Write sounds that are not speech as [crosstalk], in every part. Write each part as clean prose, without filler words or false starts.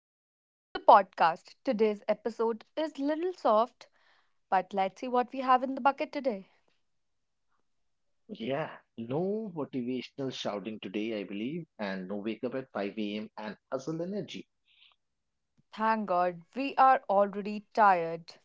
Welcome back to the podcast. Today's episode is little soft, but let's see what we have in the bucket today. Yeah, no motivational shouting today, I believe, and no wake up at 5 a.m. and hustle energy. Thank God, we are already tired.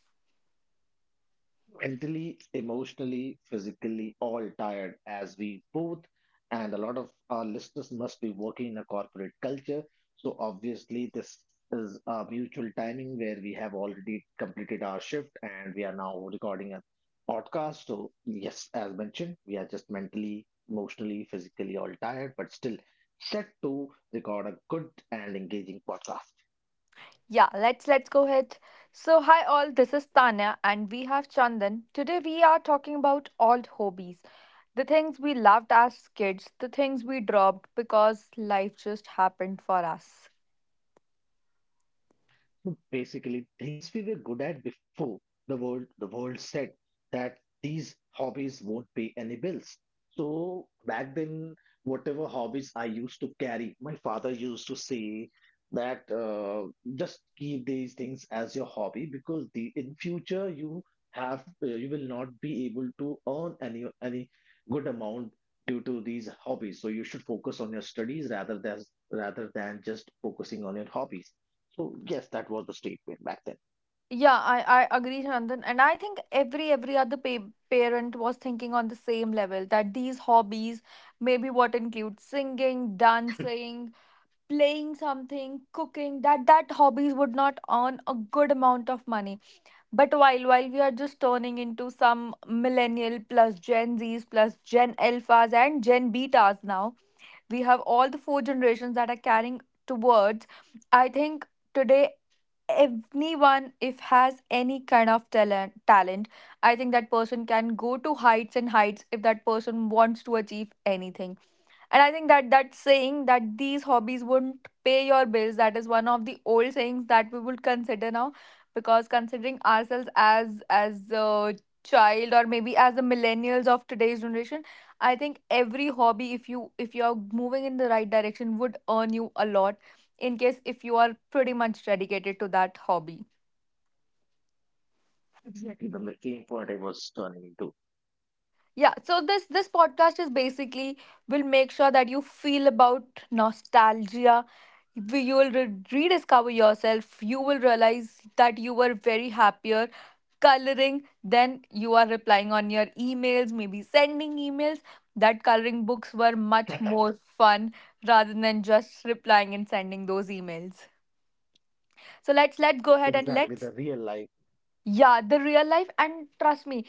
Mentally, emotionally, physically, all tired, as we both and a lot of our listeners must be working in a corporate culture. So obviously, this is a mutual timing where we have already completed our shift and we are now recording a podcast. So yes, as mentioned, we are just mentally, emotionally, physically all tired, but still set to record a good and engaging podcast. Yeah, let's go ahead. So, hi all, this is Tanya and we have Chandan. Today we are talking about old hobbies. The things we loved as kids, the things we dropped because life just happened for us. So basically, things we were good at before the world said that these hobbies won't pay any bills. So back then, whatever hobbies I used to carry, my father used to say that just keep these things as your hobby, because the in future you will not be able to earn any good amount due to these hobbies. So you should focus on your studies, rather than just focusing on your hobbies. So yes, that was the statement back then. Yeah, I agree, Chandan, and I think every other parent was thinking on the same level that these hobbies maybe what include singing, dancing, playing something, cooking, that hobbies would not earn a good amount of money. But while we are just turning into some millennial plus Gen Zs plus Gen Alphas and Gen Betas now, we have all the four generations that are carrying towards. I think today anyone if has any kind of talent I think that person can go to heights and heights if that person wants to achieve anything. And I think that saying that these hobbies wouldn't pay your bills, that is one of the old sayings that we would consider now, because considering ourselves as a child or maybe as the millennials of today's generation, I think every hobby, if you are moving in the right direction, would earn you a lot. In case if you are pretty much dedicated to that hobby. Exactly the main point I was turning into. Yeah, so this podcast is basically will make sure that you feel about nostalgia. You will rediscover yourself. You will realize that you were very happier coloring than you are replying on your emails, maybe sending emails. That coloring books were much [laughs] more fun rather than just replying and sending those emails. So let's go ahead and Exactly the let's real life. yeah, the real life, and trust me,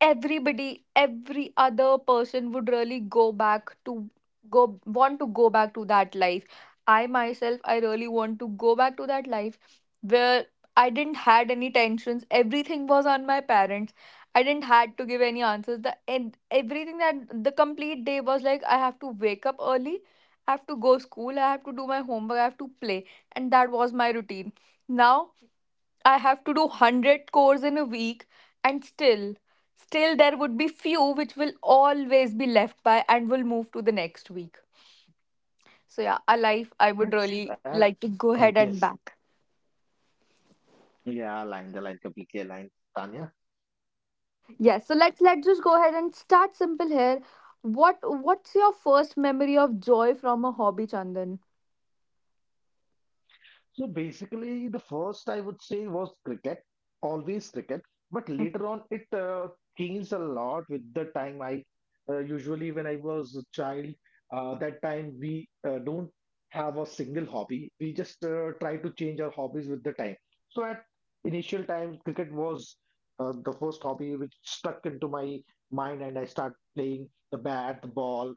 everybody, every other person would really go back to go want to go back to that life. I myself, I really want to go back to that life where I didn't had any tensions, everything was on my parents. I didn't had to give any answers, the and everything that the complete day was like I have to wake up early, I have to go school, I have to do my homework, I have to play, and that was my routine. Now I have to do 100 cores in a week, and still there would be few which will always be left by and will move to the next week. So yeah, a life I would Yes. really like to go ahead and Yes. back. Yeah, aligned, aligned, completely aligned, Tanya. Yes, so let's just go ahead and start simple here. What's your first memory of joy from a hobby, Chandan? So basically, the first I would say was cricket, always cricket. But later on, it changed a lot with the time. I Usually, when I was a child, that time we don't have a single hobby. We just try to change our hobbies with the time. So at initial time, cricket was the first hobby which stuck into my mind, and I started playing the bat, the ball,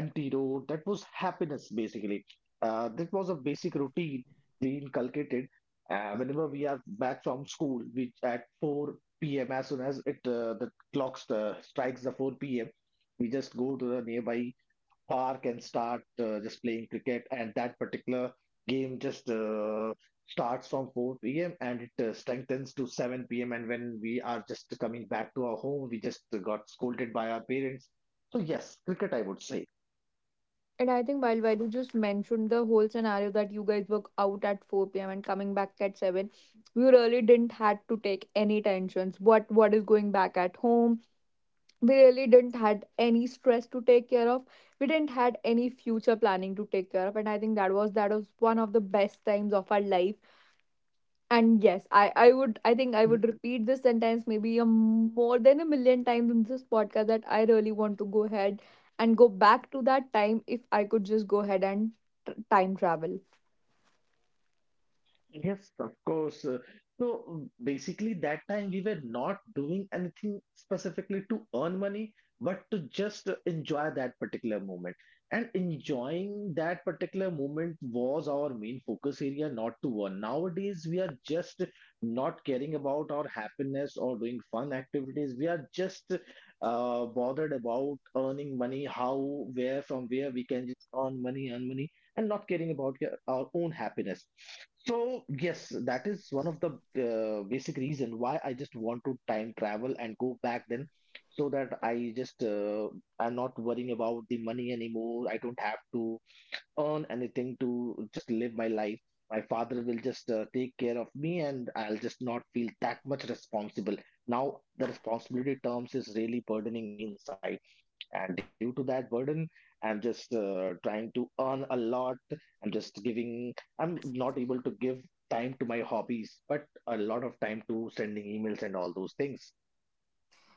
empty road. That was happiness basically. That was a basic routine we inculcated whenever we are back from school, which at 4 p.m. As soon as it the clock strikes the 4 p.m., we just go to the nearby park and start just playing cricket. And that particular game just starts from 4 p.m. and it strengthens to 7 p.m. And when we are just coming back to our home, we just got scolded by our parents. So yes, cricket, I would say. And I think while Vaidu just mentioned the whole scenario that you guys were out at 4 p.m. and coming back at 7, we really didn't had to take any tensions. What is going back at home? We really didn't had any stress to take care of. We didn't had any future planning to take care of. And I think that was one of the best times of our life. And yes, I would I think I would repeat this sentence maybe a more than 1 million times in this podcast, that I really want to go ahead and go back to that time if I could just go ahead and tr time travel. Yes, of course. So basically, that time we were not doing anything specifically to earn money, but to just enjoy that particular moment. And enjoying that particular moment was our main focus area, not to earn. Nowadays, we are just not caring about our happiness or doing fun activities. We are just bothered about earning money: how, where, from where we can just earn money, earn money, and not caring about your, our own happiness. So yes, that is one of the basic reason why I just want to time travel and go back then, so that I'm not worrying about the money anymore. I don't have to earn anything to just live my life. My father will just take care of me, and I'll just not feel that much responsible. Now, the responsibility terms is really burdening me inside. And due to that burden, I'm just trying to earn a lot. I'm not able to give time to my hobbies, but a lot of time to sending emails and all those things.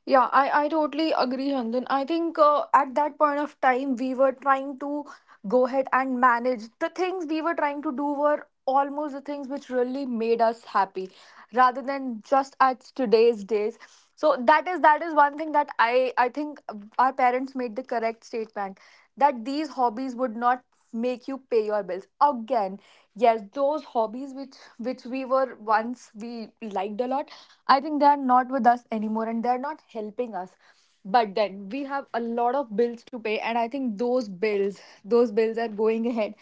Yeah, I totally agree, Handan. I think at that point of time, we were trying to go ahead and manage. The things we were trying to do were almost the things which really made us happy rather than just at today's days. So that is one thing that I think our parents made the correct statement, that these hobbies would not make you pay your bills again. Yes, those hobbies which we were once we liked a lot, I think they are not with us anymore and they are not helping us, but then we have a lot of bills to pay, and I think those bills are going [laughs] ahead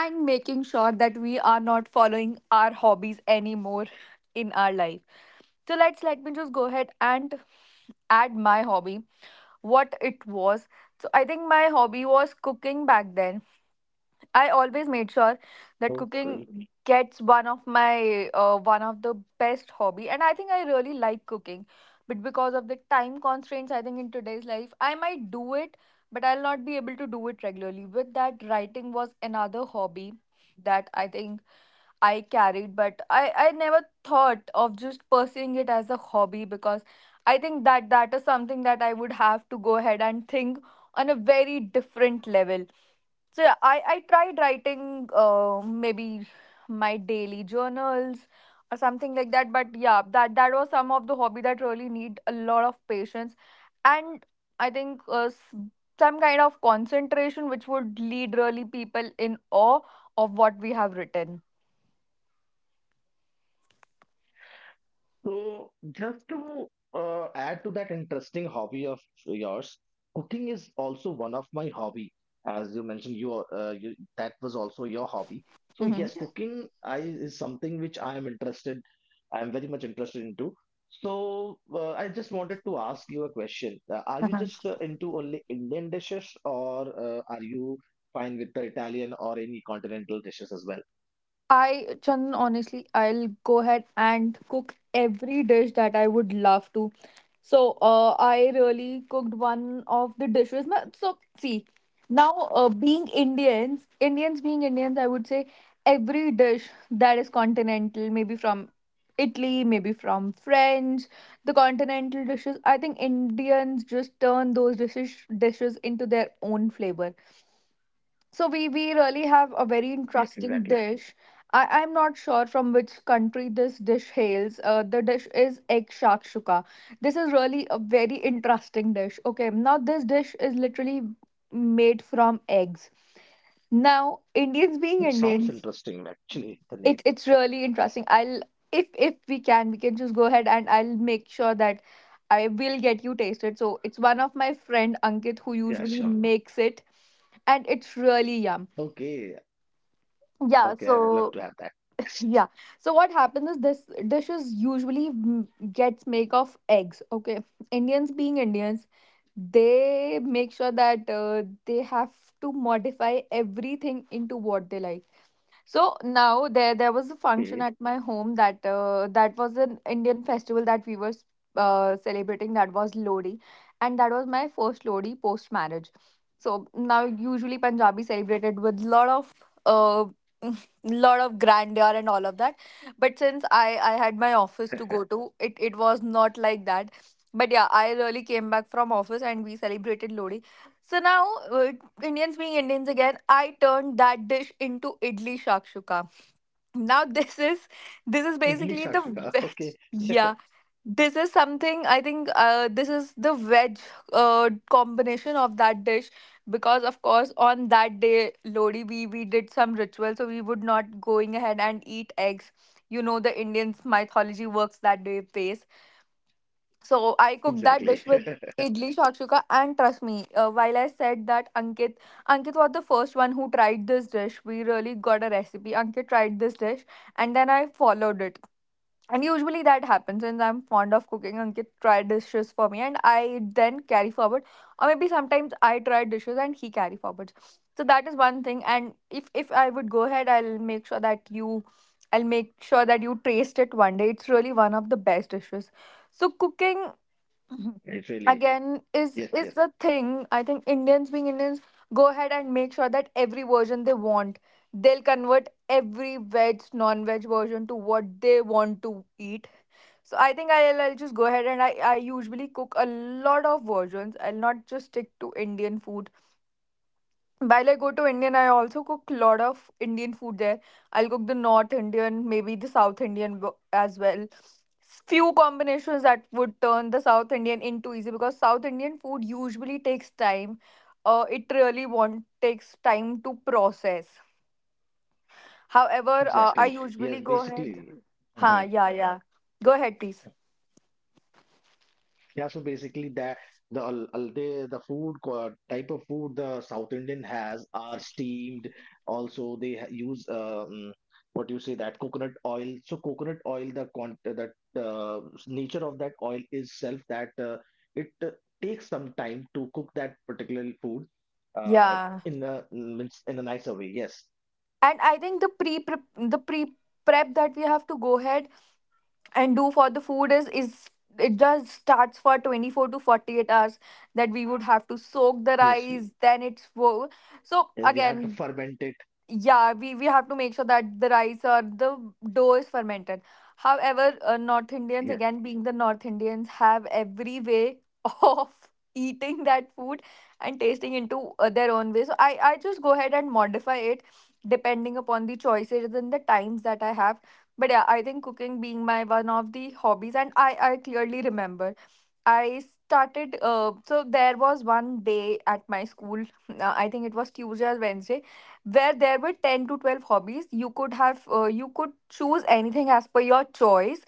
and making sure that we are not following our hobbies anymore in our life. So let me just go ahead and add my hobby, what it was. So I think my hobby was cooking back then. I always made sure that So cooking gets one of my one of the best hobby, and I think I really like cooking, but because of the time constraints I think in today's life I might do it, but I'll not be able to do it regularly. With that, writing was another hobby that I think I carried, but I never thought of just pursuing it as a hobby, because I think that is something that I would have to go ahead and think on a very different level. So yeah, I tried writing maybe my daily journals or something like that. But yeah, that was some of the hobby that really need a lot of patience and I think some kind of concentration which would lead really people in awe of what we have written. So, just to add to that interesting hobby of yours, cooking is also one of my hobby. As you mentioned, you, that was also your hobby. So Mhm. yes, cooking I is something which I am interested. I am very much interested into. So I just wanted to ask you a question. Are you just [laughs] into only Indian dishes, or are you fine with the Italian or any continental dishes as well? I, Chandan, honestly, I'll go ahead and cook every dish that I would love to. So, I really cooked one of the dishes. So, see, now being Indians, Indians being Indians, I would say every dish that is continental, maybe from Italy, maybe from French, the continental dishes. I think Indians just turn those dishes into their own flavor, so we really have a very Yes, interesting exactly. dish. I'm not sure from which country this dish hails. The dish is egg shakshuka. This is really a very interesting dish. Okay, now this dish is literally made from eggs. Now, Indians being It sounds Indians, interesting, actually, the it name. it's really interesting. I'll if we can, we can just go ahead and I'll make sure that I will get you tasted. So it's one of my friend Ankit who Yeah, usually sure. makes it, and it's really yum. Okay, Yeah, okay, I would so love to have that. [laughs] yeah. So what happens is this dish is usually gets make of eggs. Okay. Indians being Indians, they make sure that they have to modify everything into what they like. So now there was a function Okay. at my home that that was an Indian festival that we were celebrating, that was Lodi, and that was my first Lodi post marriage. So now usually Punjabi celebrated with lot of uh, [laughs] lot of grandeur and all of that, but since I had my office to go to it was not like that. But yeah, I really came back from office and we celebrated Lodi. So now, uh, Indians being Indians again, I turned that dish into idli shakshuka. Now [laughs] this is basically Idli the Shakshika. veg. Okay. Yeah, [laughs] this is something I think. This is the veg combination of that dish, because of course on that day Lodi we did some ritual, so we would not going ahead and eat eggs. You know the Indians mythology works that day pace. So I cooked that dish with Exactly. [laughs] idli shakshuka, and trust me, while I said that Ankit, Ankit was the first one who tried this dish. We really got a recipe. Ankit tried this dish, and then I followed it. And usually that happens since I'm fond of cooking. Ankit tried dishes for me, and I then carry forward, or maybe sometimes I try dishes and he carry forward. So that is one thing. And if I would go ahead, I'll make sure that I'll make sure that you taste it one day. It's really one of the best dishes. So cooking Mhm. It really, again is yes, is yes, the thing. I think Indians being Indians go ahead and make sure that every version they want, they'll convert every veg non-veg version to what they want to eat. So I think I'll just go ahead and I usually cook a lot of versions. I'll not just stick to Indian food. While I go to Indian, I also cook a lot of Indian food there. I'll cook the North Indian, maybe the South Indian as well. Few combinations that would turn the South Indian into easy, because South Indian food usually takes time. It really want takes time to process. However, I exactly. usually Yes, go ahead. basically. Ha, Mhm. yeah, yeah. Go ahead, please. Yeah, so basically, that the type of food the South Indian has are steamed. Also, they use what do you say that coconut oil. So coconut oil, the con that uh, nature of that oil is self that it takes some time to cook that particular food uh, Yeah. in a nicer way. Yes, And I think the prep that we have to go ahead and do for the food is it just starts for 24 to 48 hours that we would have to soak the yes, we, rice, then so yes, we have to again, ferment it. yeah, we have to make sure that the rice or the dough is fermented. However, North Indians, again being the North Indians, have every way [laughs] of eating that food and tasting into their own way. So I just go ahead and modify it depending upon the choices and the times that I have. But yeah, I think cooking being my one of the hobbies, and I clearly remember I started. So there was one day at my school. [laughs] I think it was Tuesday or Wednesday, where there were 10 to 12 hobbies you could have. You could choose anything as per your choice.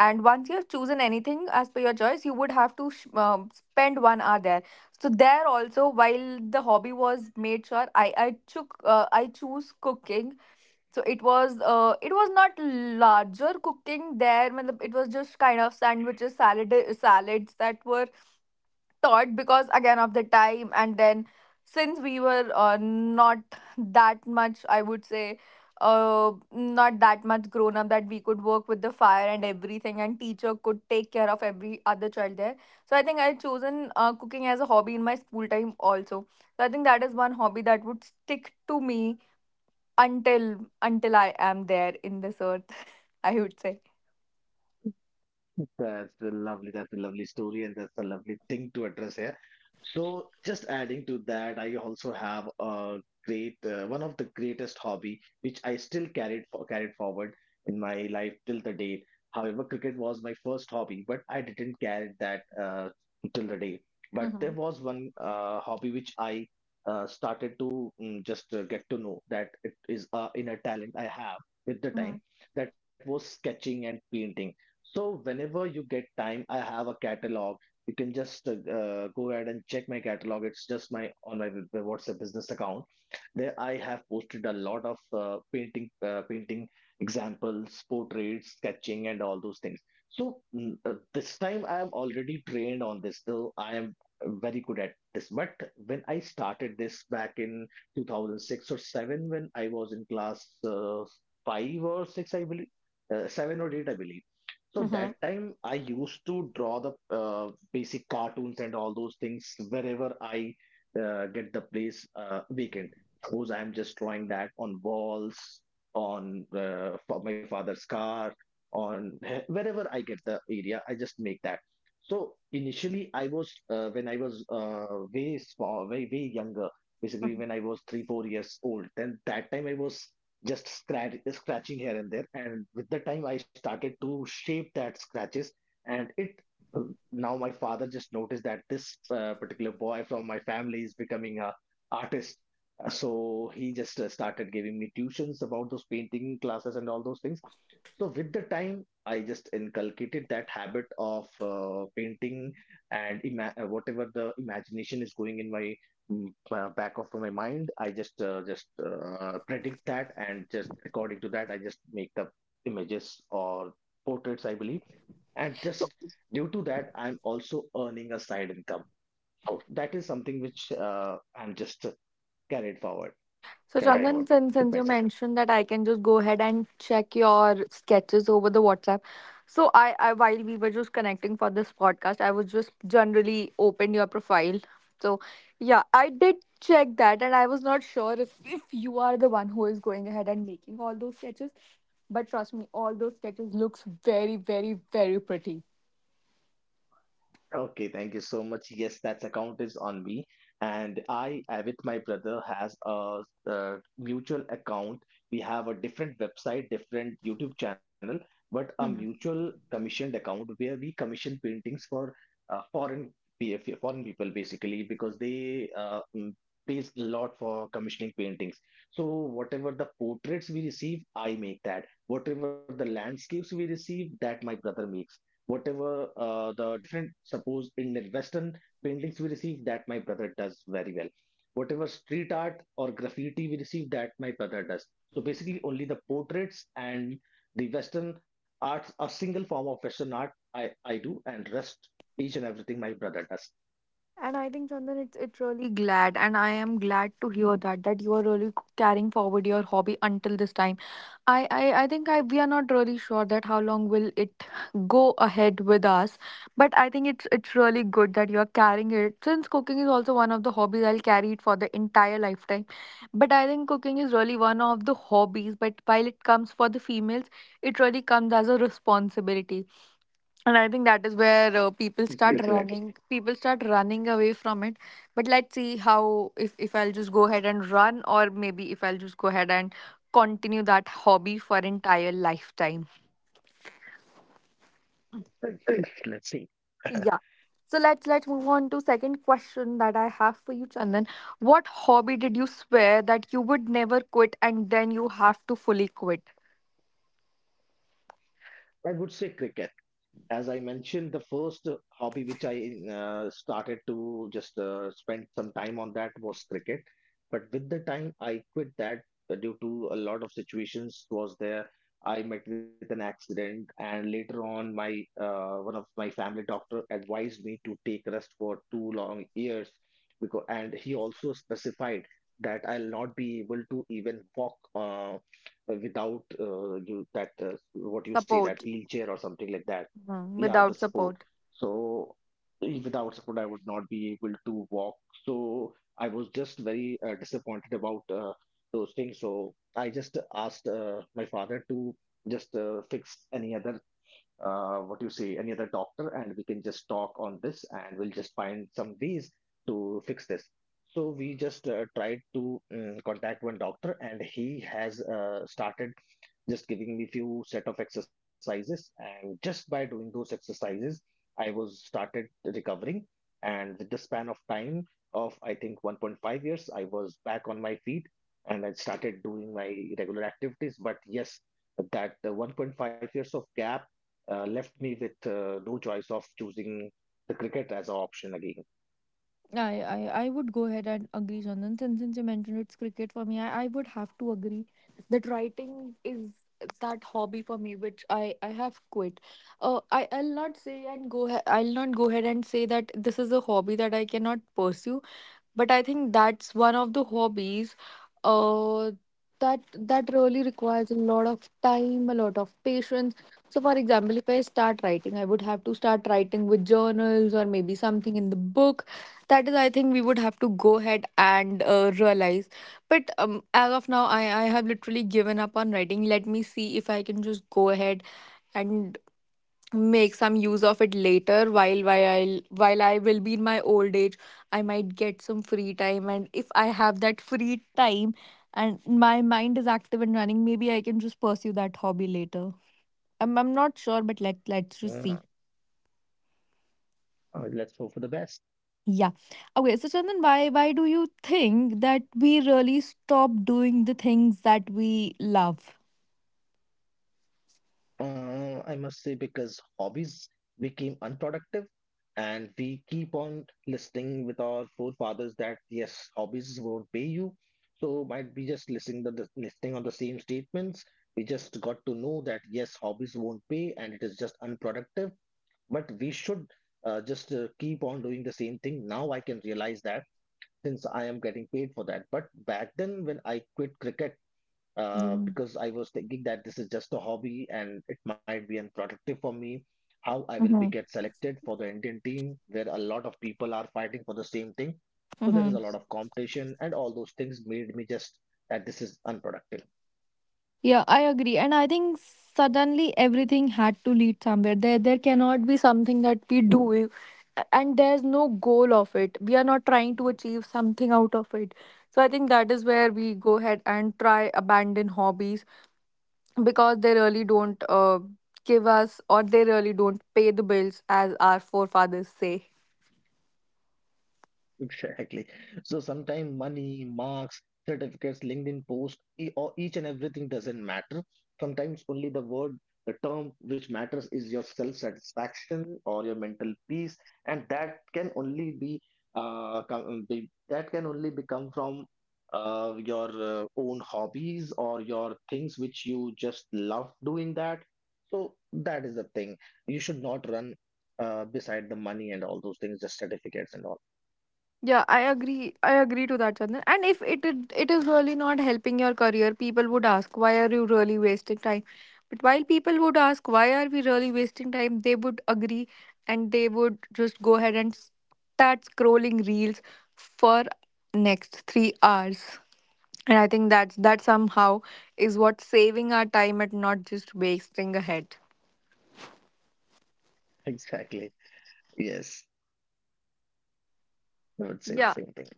And once you have chosen anything as per your choice, you would have to spend one hour there. So there also, while the hobby was made sure, I choose cooking. So it was not larger cooking there. Matlab, it was just kind of sandwiches, salads that were taught because again of the time. And then since we were not that much, I would say, not that much grown up that we could work with the fire and everything, and teacher could take care of every other child there. So I think I chosen cooking as a hobby in my school time also. So I think that is one hobby that would stick to me until until I am there in this earth, [laughs] I would say. That's a lovely story, and that's a lovely thing to address here. So, just adding to that, I also have one of the greatest hobby, which I still carried forward in my life till the date. However, cricket was my first hobby, but I didn't carry that till the day. But Mm-hmm. there was one hobby which I started to just get to know that it is inner talent I have with the Mm-hmm. time. That was sketching and painting, so whenever you get time, I have a catalog. You can just go ahead and check my catalog. It's just my on my WhatsApp business account. There I have posted a lot of painting examples, portraits, sketching, and all those things. So this time I am already trained on this, though I am very good at this. But when I started this back in 2006 or seven, when I was in class five or six, I believe, seven or eight, I believe. So Mm-hmm. that time I used to draw the basic cartoons and all those things wherever I get the place vacant. Suppose I'm just drawing that on walls, on for my father's car, on wherever I get the area, I just make that. So initially, I was when I was way small, way way younger. Basically, Hmm. when I was 3-4 years old, then that time I was just scratching here and there. And with the time, I started to shape that scratches, and it now my father just noticed that this particular boy from my family is becoming a artist. So he just started giving me tuitions about those painting classes and all those things. So with the time, I just inculcated that habit of painting, and whatever the imagination is going in my back of my mind, I just predict that, and just according to that, I just make the images or portraits, I believe, and just due to that, I'm also earning a side income. So that is something which I'm just carried forward, So, carrying Chandan, forward since, with since you myself. mentioned that I can just go ahead and check your sketches over the WhatsApp. So, I while we were just connecting for this podcast, I was just generally opened your profile. So, yeah, I did check that, and I was not sure if you are the one who is going ahead and making all those sketches. But trust me, all those sketches looks very, very, very pretty. Okay, thank you so much. Yes, that's account is on me, and I, with my brother, has a mutual account. We have a different website, different YouTube channel, but a mutual commissioned account where we commission paintings for foreign foreign people, basically because they pays a lot for commissioning paintings. So whatever the portraits we receive, I make that. Whatever the landscapes we receive, that my brother makes. Whatever the different, suppose in the western paintings we receive, that my brother does very well. Whatever street art or graffiti we receive, that my brother does. So basically, only the portraits and the western arts, a single form of western art, I do, and rest each and everything my brother does, And I think, Chandan, it's really glad, and I am glad to hear that that you are really carrying forward your hobby until this time. I think I we are not really sure that how long will it go ahead with us, but I think it's really good that you are carrying it. Since cooking is also one of the hobbies, I'll carry it for the entire lifetime. But I think cooking is really one of the hobbies. But while it comes for the females, it really comes as a responsibility, and I think that is where people start, exactly, exactly. running, people start running away from it. But let's see how, if I'll just go ahead and run, or maybe if I'll just go ahead and continue that hobby for entire lifetime. Uh, yes, let's see. Yeah. So let's move on to second question that I have for you, Chandan. What hobby did you swear that you would never quit, and then you have to fully quit? I would say cricket, as I mentioned. The first hobby which I started to just spend some time on, that was cricket. But with the time I quit that, due to a lot of situations was there. I met with an accident, and later on, my one of my family doctor advised me to take rest for two long years, and he also specified that I'll not be able to even walk without you, that what you say that Support. wheelchair or something like that, Mhm, yeah, the without support. support. So without support, I would not be able to walk. So I was just very disappointed about those things, so I just asked my father to just fix any other, what you say, any other doctor, and we can just talk on this, and we'll just find some ways to fix this. So we just tried to contact one doctor, and he has started just giving me few set of exercises, and just by doing those exercises I was started recovering. And with the span of time of, I think, 1.5 years, I was back on my feet, and I started doing my regular activities. But yes, that 1.5 years of gap left me with no choice of choosing the cricket as an option again, I would go ahead and agree, Chandan. Since you mentioned it's cricket for me, I would have to agree that writing is that hobby for me, which I have quit. I, I'll not say and go ahe- I'll not go ahead and say that this is a hobby that I cannot pursue. But I think that's one of the hobbies uh that that really requires a lot of time, a lot of patience. So for example, if I start writing, I would have to start writing with journals or maybe something in the book. That is, I think, we would have to go ahead and realize. But as of now, I have literally given up on writing. Let me see if I can just go ahead and make some use of it later while while I will be in my old age. I might get some free time, and if I have that free time and my mind is active and running, maybe I can just pursue that hobby later. I'm not sure, but let's just see. yeah. Let's hope for the best. Yeah. Okay, so Chandan, why do you think that we really stop doing the things that we love? I must say because hobbies became unproductive, and we keep on listening with our forefathers that yes, hobbies won't pay you. So might be just listening the listening on the same statements. We just got to know that yes, hobbies won't pay and it is just unproductive. But we should just keep on doing the same thing. Now I can realize that since I am getting paid for that. But back then when I quit cricket, Yeah. because I was thinking that this is just a hobby and it might be unproductive for me. How I will be get selected for the Indian team, where a lot of people are fighting for the same thing. So there is Mm-hmm. a lot of competition, and all those things made me just that this is unproductive. Yeah, I agree. And I think suddenly everything had to lead somewhere. There cannot be something that we do and there's no goal of it. We are not trying to achieve something out of it. So I think that is where we go ahead and try abandon hobbies because they really don't give us, or they really don't pay the bills as our forefathers say. [laughs] Exactly. So sometimes money, marks, certificates, LinkedIn posts, or each and everything doesn't matter. Sometimes only the word, the term which matters is your self-satisfaction or your mental peace, and that can only be that can only become from your own hobbies or your things which you just love doing that. So that is the thing. You should not run beside the money and all those things, the certificates and all. Yeah, I agree. I agree to that, Chandan. And if it is really not helping your career, people would ask, why are you really wasting time? But while people would ask, why are we really wasting time, they would agree and they would just go ahead and start scrolling reels for next 3 hours. And I think that's that somehow is what saving our time and not just wasting ahead. Exactly. Yes, I would say the Yeah. same thing.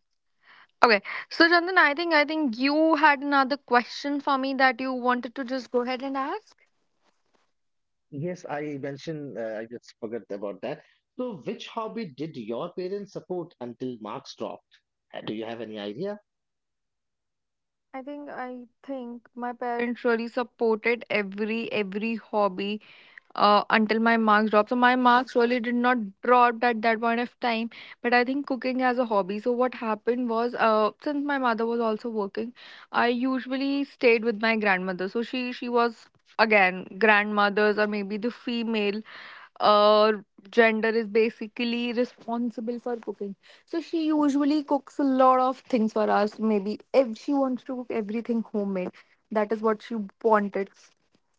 Okay. So Chandan, I think you had another question for me that you wanted to just go ahead and ask. Yes, I mentioned, I just forgot about that. So, which hobby did your parents support until marks dropped? Do you have any idea? I think my parents really supported every hobby until my marks dropped. So my marks really did not drop at that point of time. But I think cooking as a hobby. So what happened was, since my mother was also working, I usually stayed with my grandmother. So she was again, grandmothers or maybe the female uh, gender is basically responsible for cooking. So she usually cooks a lot of things for us. Maybe if she wants to cook everything homemade, that is what she wanted.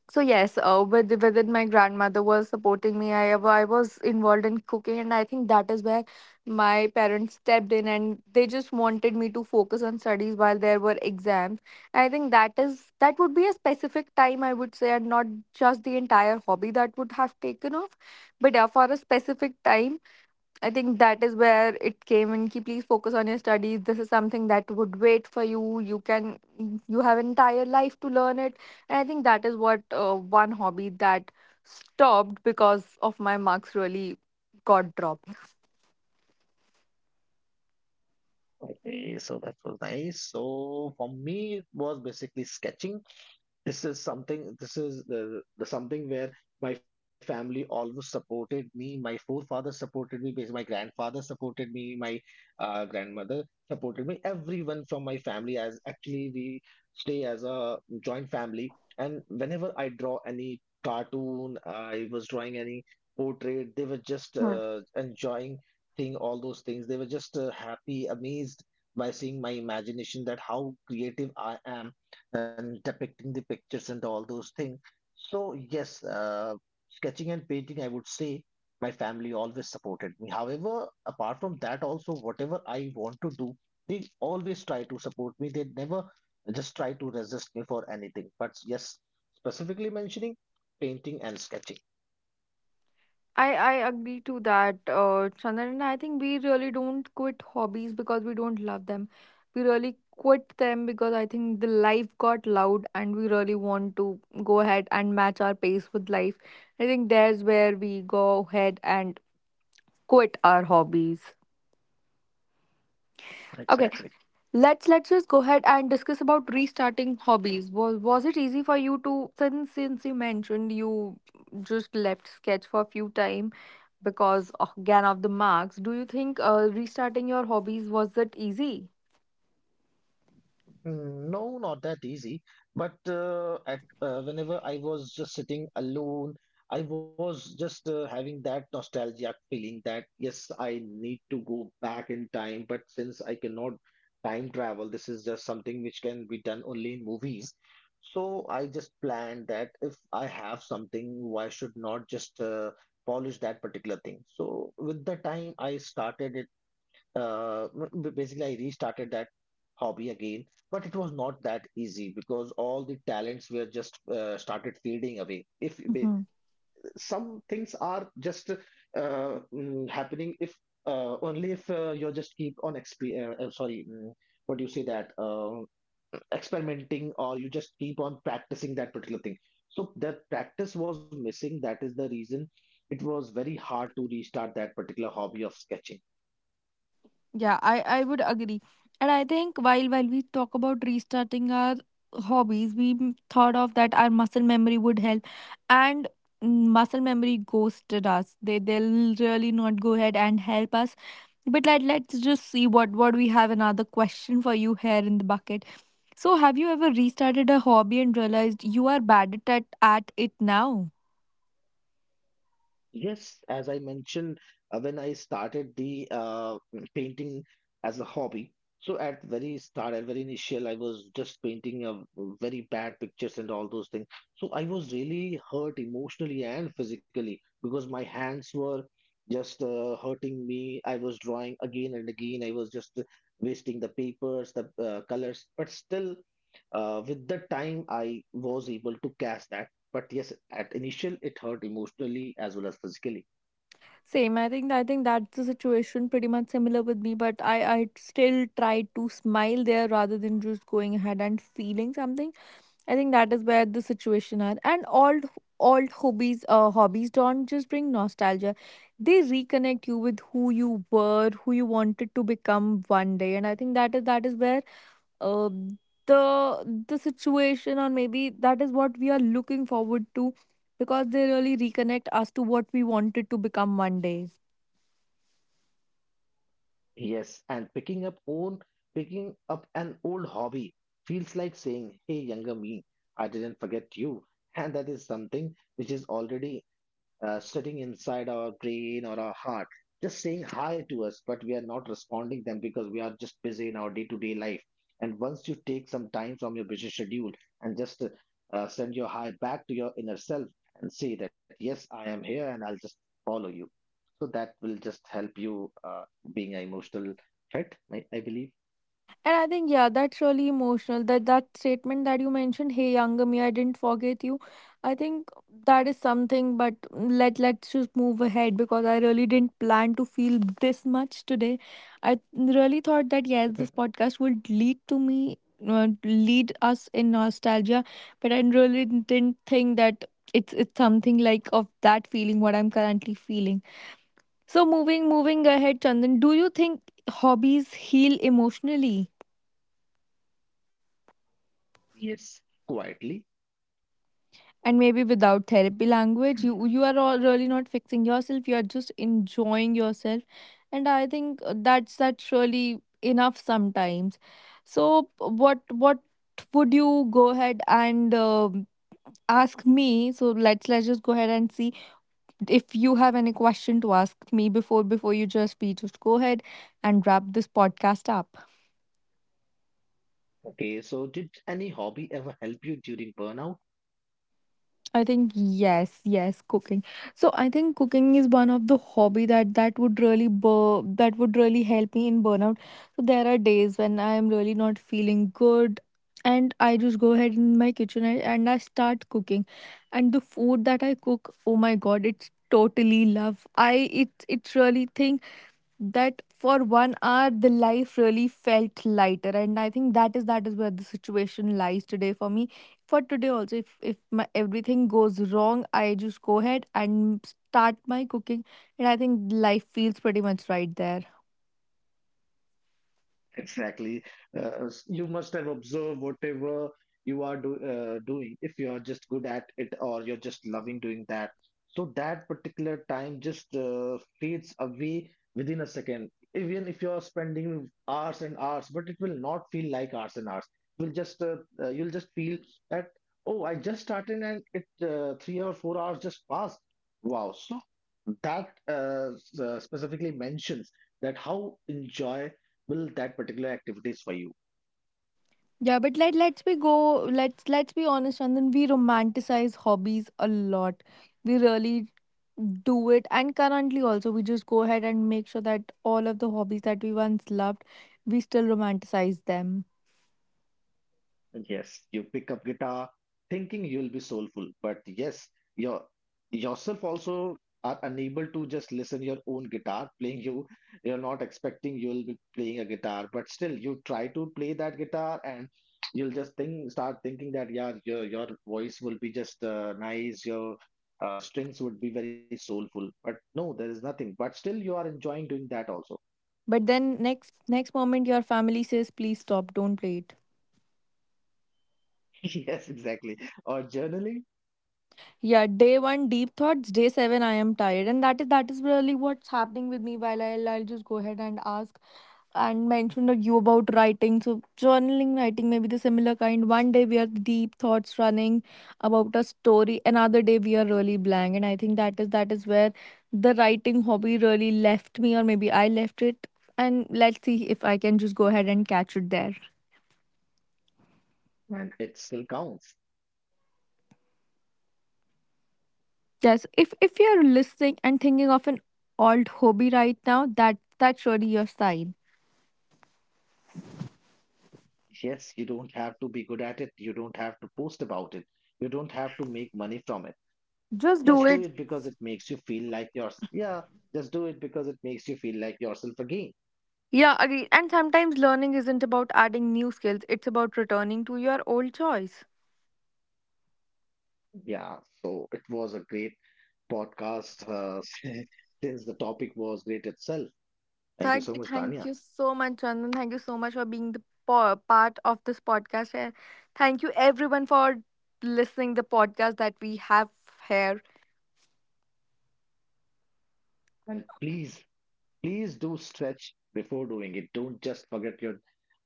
So yes, within my grandmother was supporting me. I was involved in cooking, and I think that is where my parents stepped in, and they just wanted me to focus on studies while there were exams. I think that is, that would be a specific time, I would say, and not just the entire hobby that would have taken off, but yeah, for a specific time I think that is where it came in. Ki, please focus on your studies. This is something that would wait for you. You can, you have entire life to learn it. And I think that is what one hobby that stopped because of my marks really got dropped. Okay, so that was nice. So, for me, it was basically sketching. This is something, this is the something where my family always supported me, my forefathers supported me, because my grandfather supported me, my grandmother supported me, everyone from my family. As actually we stay as a joint family, and whenever I draw any cartoon, I was drawing any portrait, they were just enjoying seeing all those things. They were just happy, amazed by seeing my imagination, that how creative I am and depicting the pictures and all those things. So yes, sketching and painting, I would say my family always supported me. However, apart from that, also whatever I want to do, they always try to support me. They never just try to resist me for anything. But yes, specifically mentioning painting and sketching. I agree to that, Chandran. I think we really don't quit hobbies because we don't love them. We really quit them because I think the life got loud and we really want to go ahead and match our pace with life. I think there's where we go ahead and quit our hobbies. Okay, Exactly. let's just go ahead and discuss about restarting hobbies. Was it easy for you to, since you mentioned you just left sketch for a few time? Because again of the marks, do you think restarting your hobbies was that easy? No, not that easy. But at whenever I was just sitting alone, I was just having that nostalgia feeling that yes, I need to go back in time. But since I cannot time travel, this is just something which can be done only in movies. So I just planned that if I have something, why should not just polish that particular thing? So with the time, I started it, uh, basically I restarted that hobby again, but it was not that easy because all the talents were just started fading away. If ba- Mhm. Some things are just happening, if only if you just keep on sorry, what do you say that, experimenting or you just keep on practicing that particular thing. So that practice was missing. That is the reason it was very hard to restart that particular hobby of sketching. Yeah, I would agree. And I think while we talk about restarting our hobbies, we thought of that our muscle memory would help. And muscle memory ghosted us. They'll really not go ahead and help us. But let's just see what we have another question for you here in the bucket. So have you ever restarted a hobby and realized you are bad at it now? Yes, as I mentioned, when I started the painting as a hobby, so at very start, at very initial, I was just painting very bad pictures and all those things. So I was really hurt emotionally and physically because my hands were just hurting me. I was drawing again and again. I was just wasting the papers, the colors, but still, with the time, I was able to catch that. But yes, at initial it hurt emotionally as well as physically. Same. I think that's the situation pretty much similar with me, but I still try to smile there rather than just going ahead and feeling something. I think that is where the situation are. And all old hobbies don't just bring nostalgia. They reconnect you with who you were, who you wanted to become one day. And I think that is where uh, the the situation, or maybe that is what we are looking forward to, because they really reconnect us to what we wanted to become one day. Yes, and picking up an old hobby feels like saying, "Hey, younger me, I didn't forget you." And that is something which is already sitting inside our brain or our heart, just saying hi to us, but we are not responding them because we are just busy in our day-to-day life. And once you take some time from your busy schedule and just send your hi back to your inner self and say that, "Yes, I am here, and I'll just follow you." So that will just help you being an emotional fit, I believe. And I think, yeah, that's really emotional. That statement that you mentioned, "Hey, younger me, I didn't forget you." I think that is something. But let's just move ahead because I really didn't plan to feel this much today. I really thought that yes, this [laughs] podcast would lead to me, uh, lead us in nostalgia, but I really didn't think that it's something like of that feeling what I'm currently feeling. So moving ahead, Chandan, do you think hobbies heal emotionally? Quietly. And maybe without therapy language, you are all really not fixing yourself, you are just enjoying yourself, and I think that's really enough sometimes. So what would you go ahead and ask me? So let's just go ahead and see if you have any question to ask me before before you just we just go ahead and wrap this podcast up. Okay, so did any hobby ever help you during burnout? I think, yes, yes, cooking. So I think cooking is one of the hobby that would really help me in burnout. So there are days when I am really not feeling good, and I just go ahead in my kitchen, and I start cooking, and the food that I cook, oh my god, it's totally love. I it it's really thing that for one hour the life really felt lighter, and I think that is where the situation lies today for me. For today also, if my everything goes wrong, I just go ahead and start my cooking, and I think life feels pretty much right there. Exactly. You must have observed whatever you are doing, if you are just good at it or you're just loving doing that. So that particular time just fades away within a second. Even if you're spending hours and hours, but it will not feel like hours and hours. You'll just uh, you'll just feel that oh, I just started and it three or four hours just passed. Wow. So that specifically mentions that how enjoy will that particular activity is for you. Yeah, but let's be honest, and then we romanticize hobbies a lot. We really do it, and currently also we just go ahead and make sure that all of the hobbies that we once loved, we still romanticize them. Yes, you pick up guitar thinking you'll be soulful, but yes, your yourself also are unable to just listen your own guitar playing. You you're not expecting you'll be playing a guitar, but still you try to play that guitar, and you'll just think start thinking that yeah, your voice will be just nice, your strings would be very soulful, but no, there is nothing, but still you are enjoying doing that also. But then next moment your family says, please stop, don't play it. [laughs] Yes, exactly, or journaling. Yeah, day one deep thoughts, day seven I am tired. And that is really what's happening with me while I'll just go ahead and ask and mention that you about writing. So journaling, writing may be the similar kind. One day we are deep thoughts running about a story, another day we are really blank. And I think that is where the writing hobby really left me, or maybe I left it. And let's see if I can just go ahead and catch it there. And it still counts. Yes, if you're listening and thinking of an old hobby right now, that's really your sign. Yes, you don't have to be good at it. You don't have to post about it. You don't have to make money from it. Just do Just do it. it because it makes you feel like yours. Yeah, just do it because it makes you feel like yourself again. Yeah, agree. And sometimes learning isn't about adding new skills; it's about returning to your old choice. Yeah, so it was a great podcast, [laughs] since the topic was great itself. Thank you so much, Thank Tanya. you so much, Chandan. Thank you so much for being the part of this podcast. And thank you everyone for listening the podcast that we have here. And Please do stretch before doing it. Don't just forget your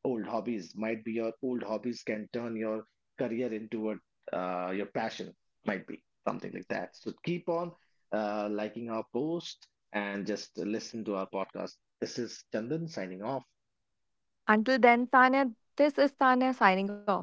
old hobbies. Might be your old hobbies can turn your career into a your passion. Might be something like that. So keep on liking our post and just listen to our podcast. This is Chandan signing off. Until then, Tanya, this is Tanya signing off.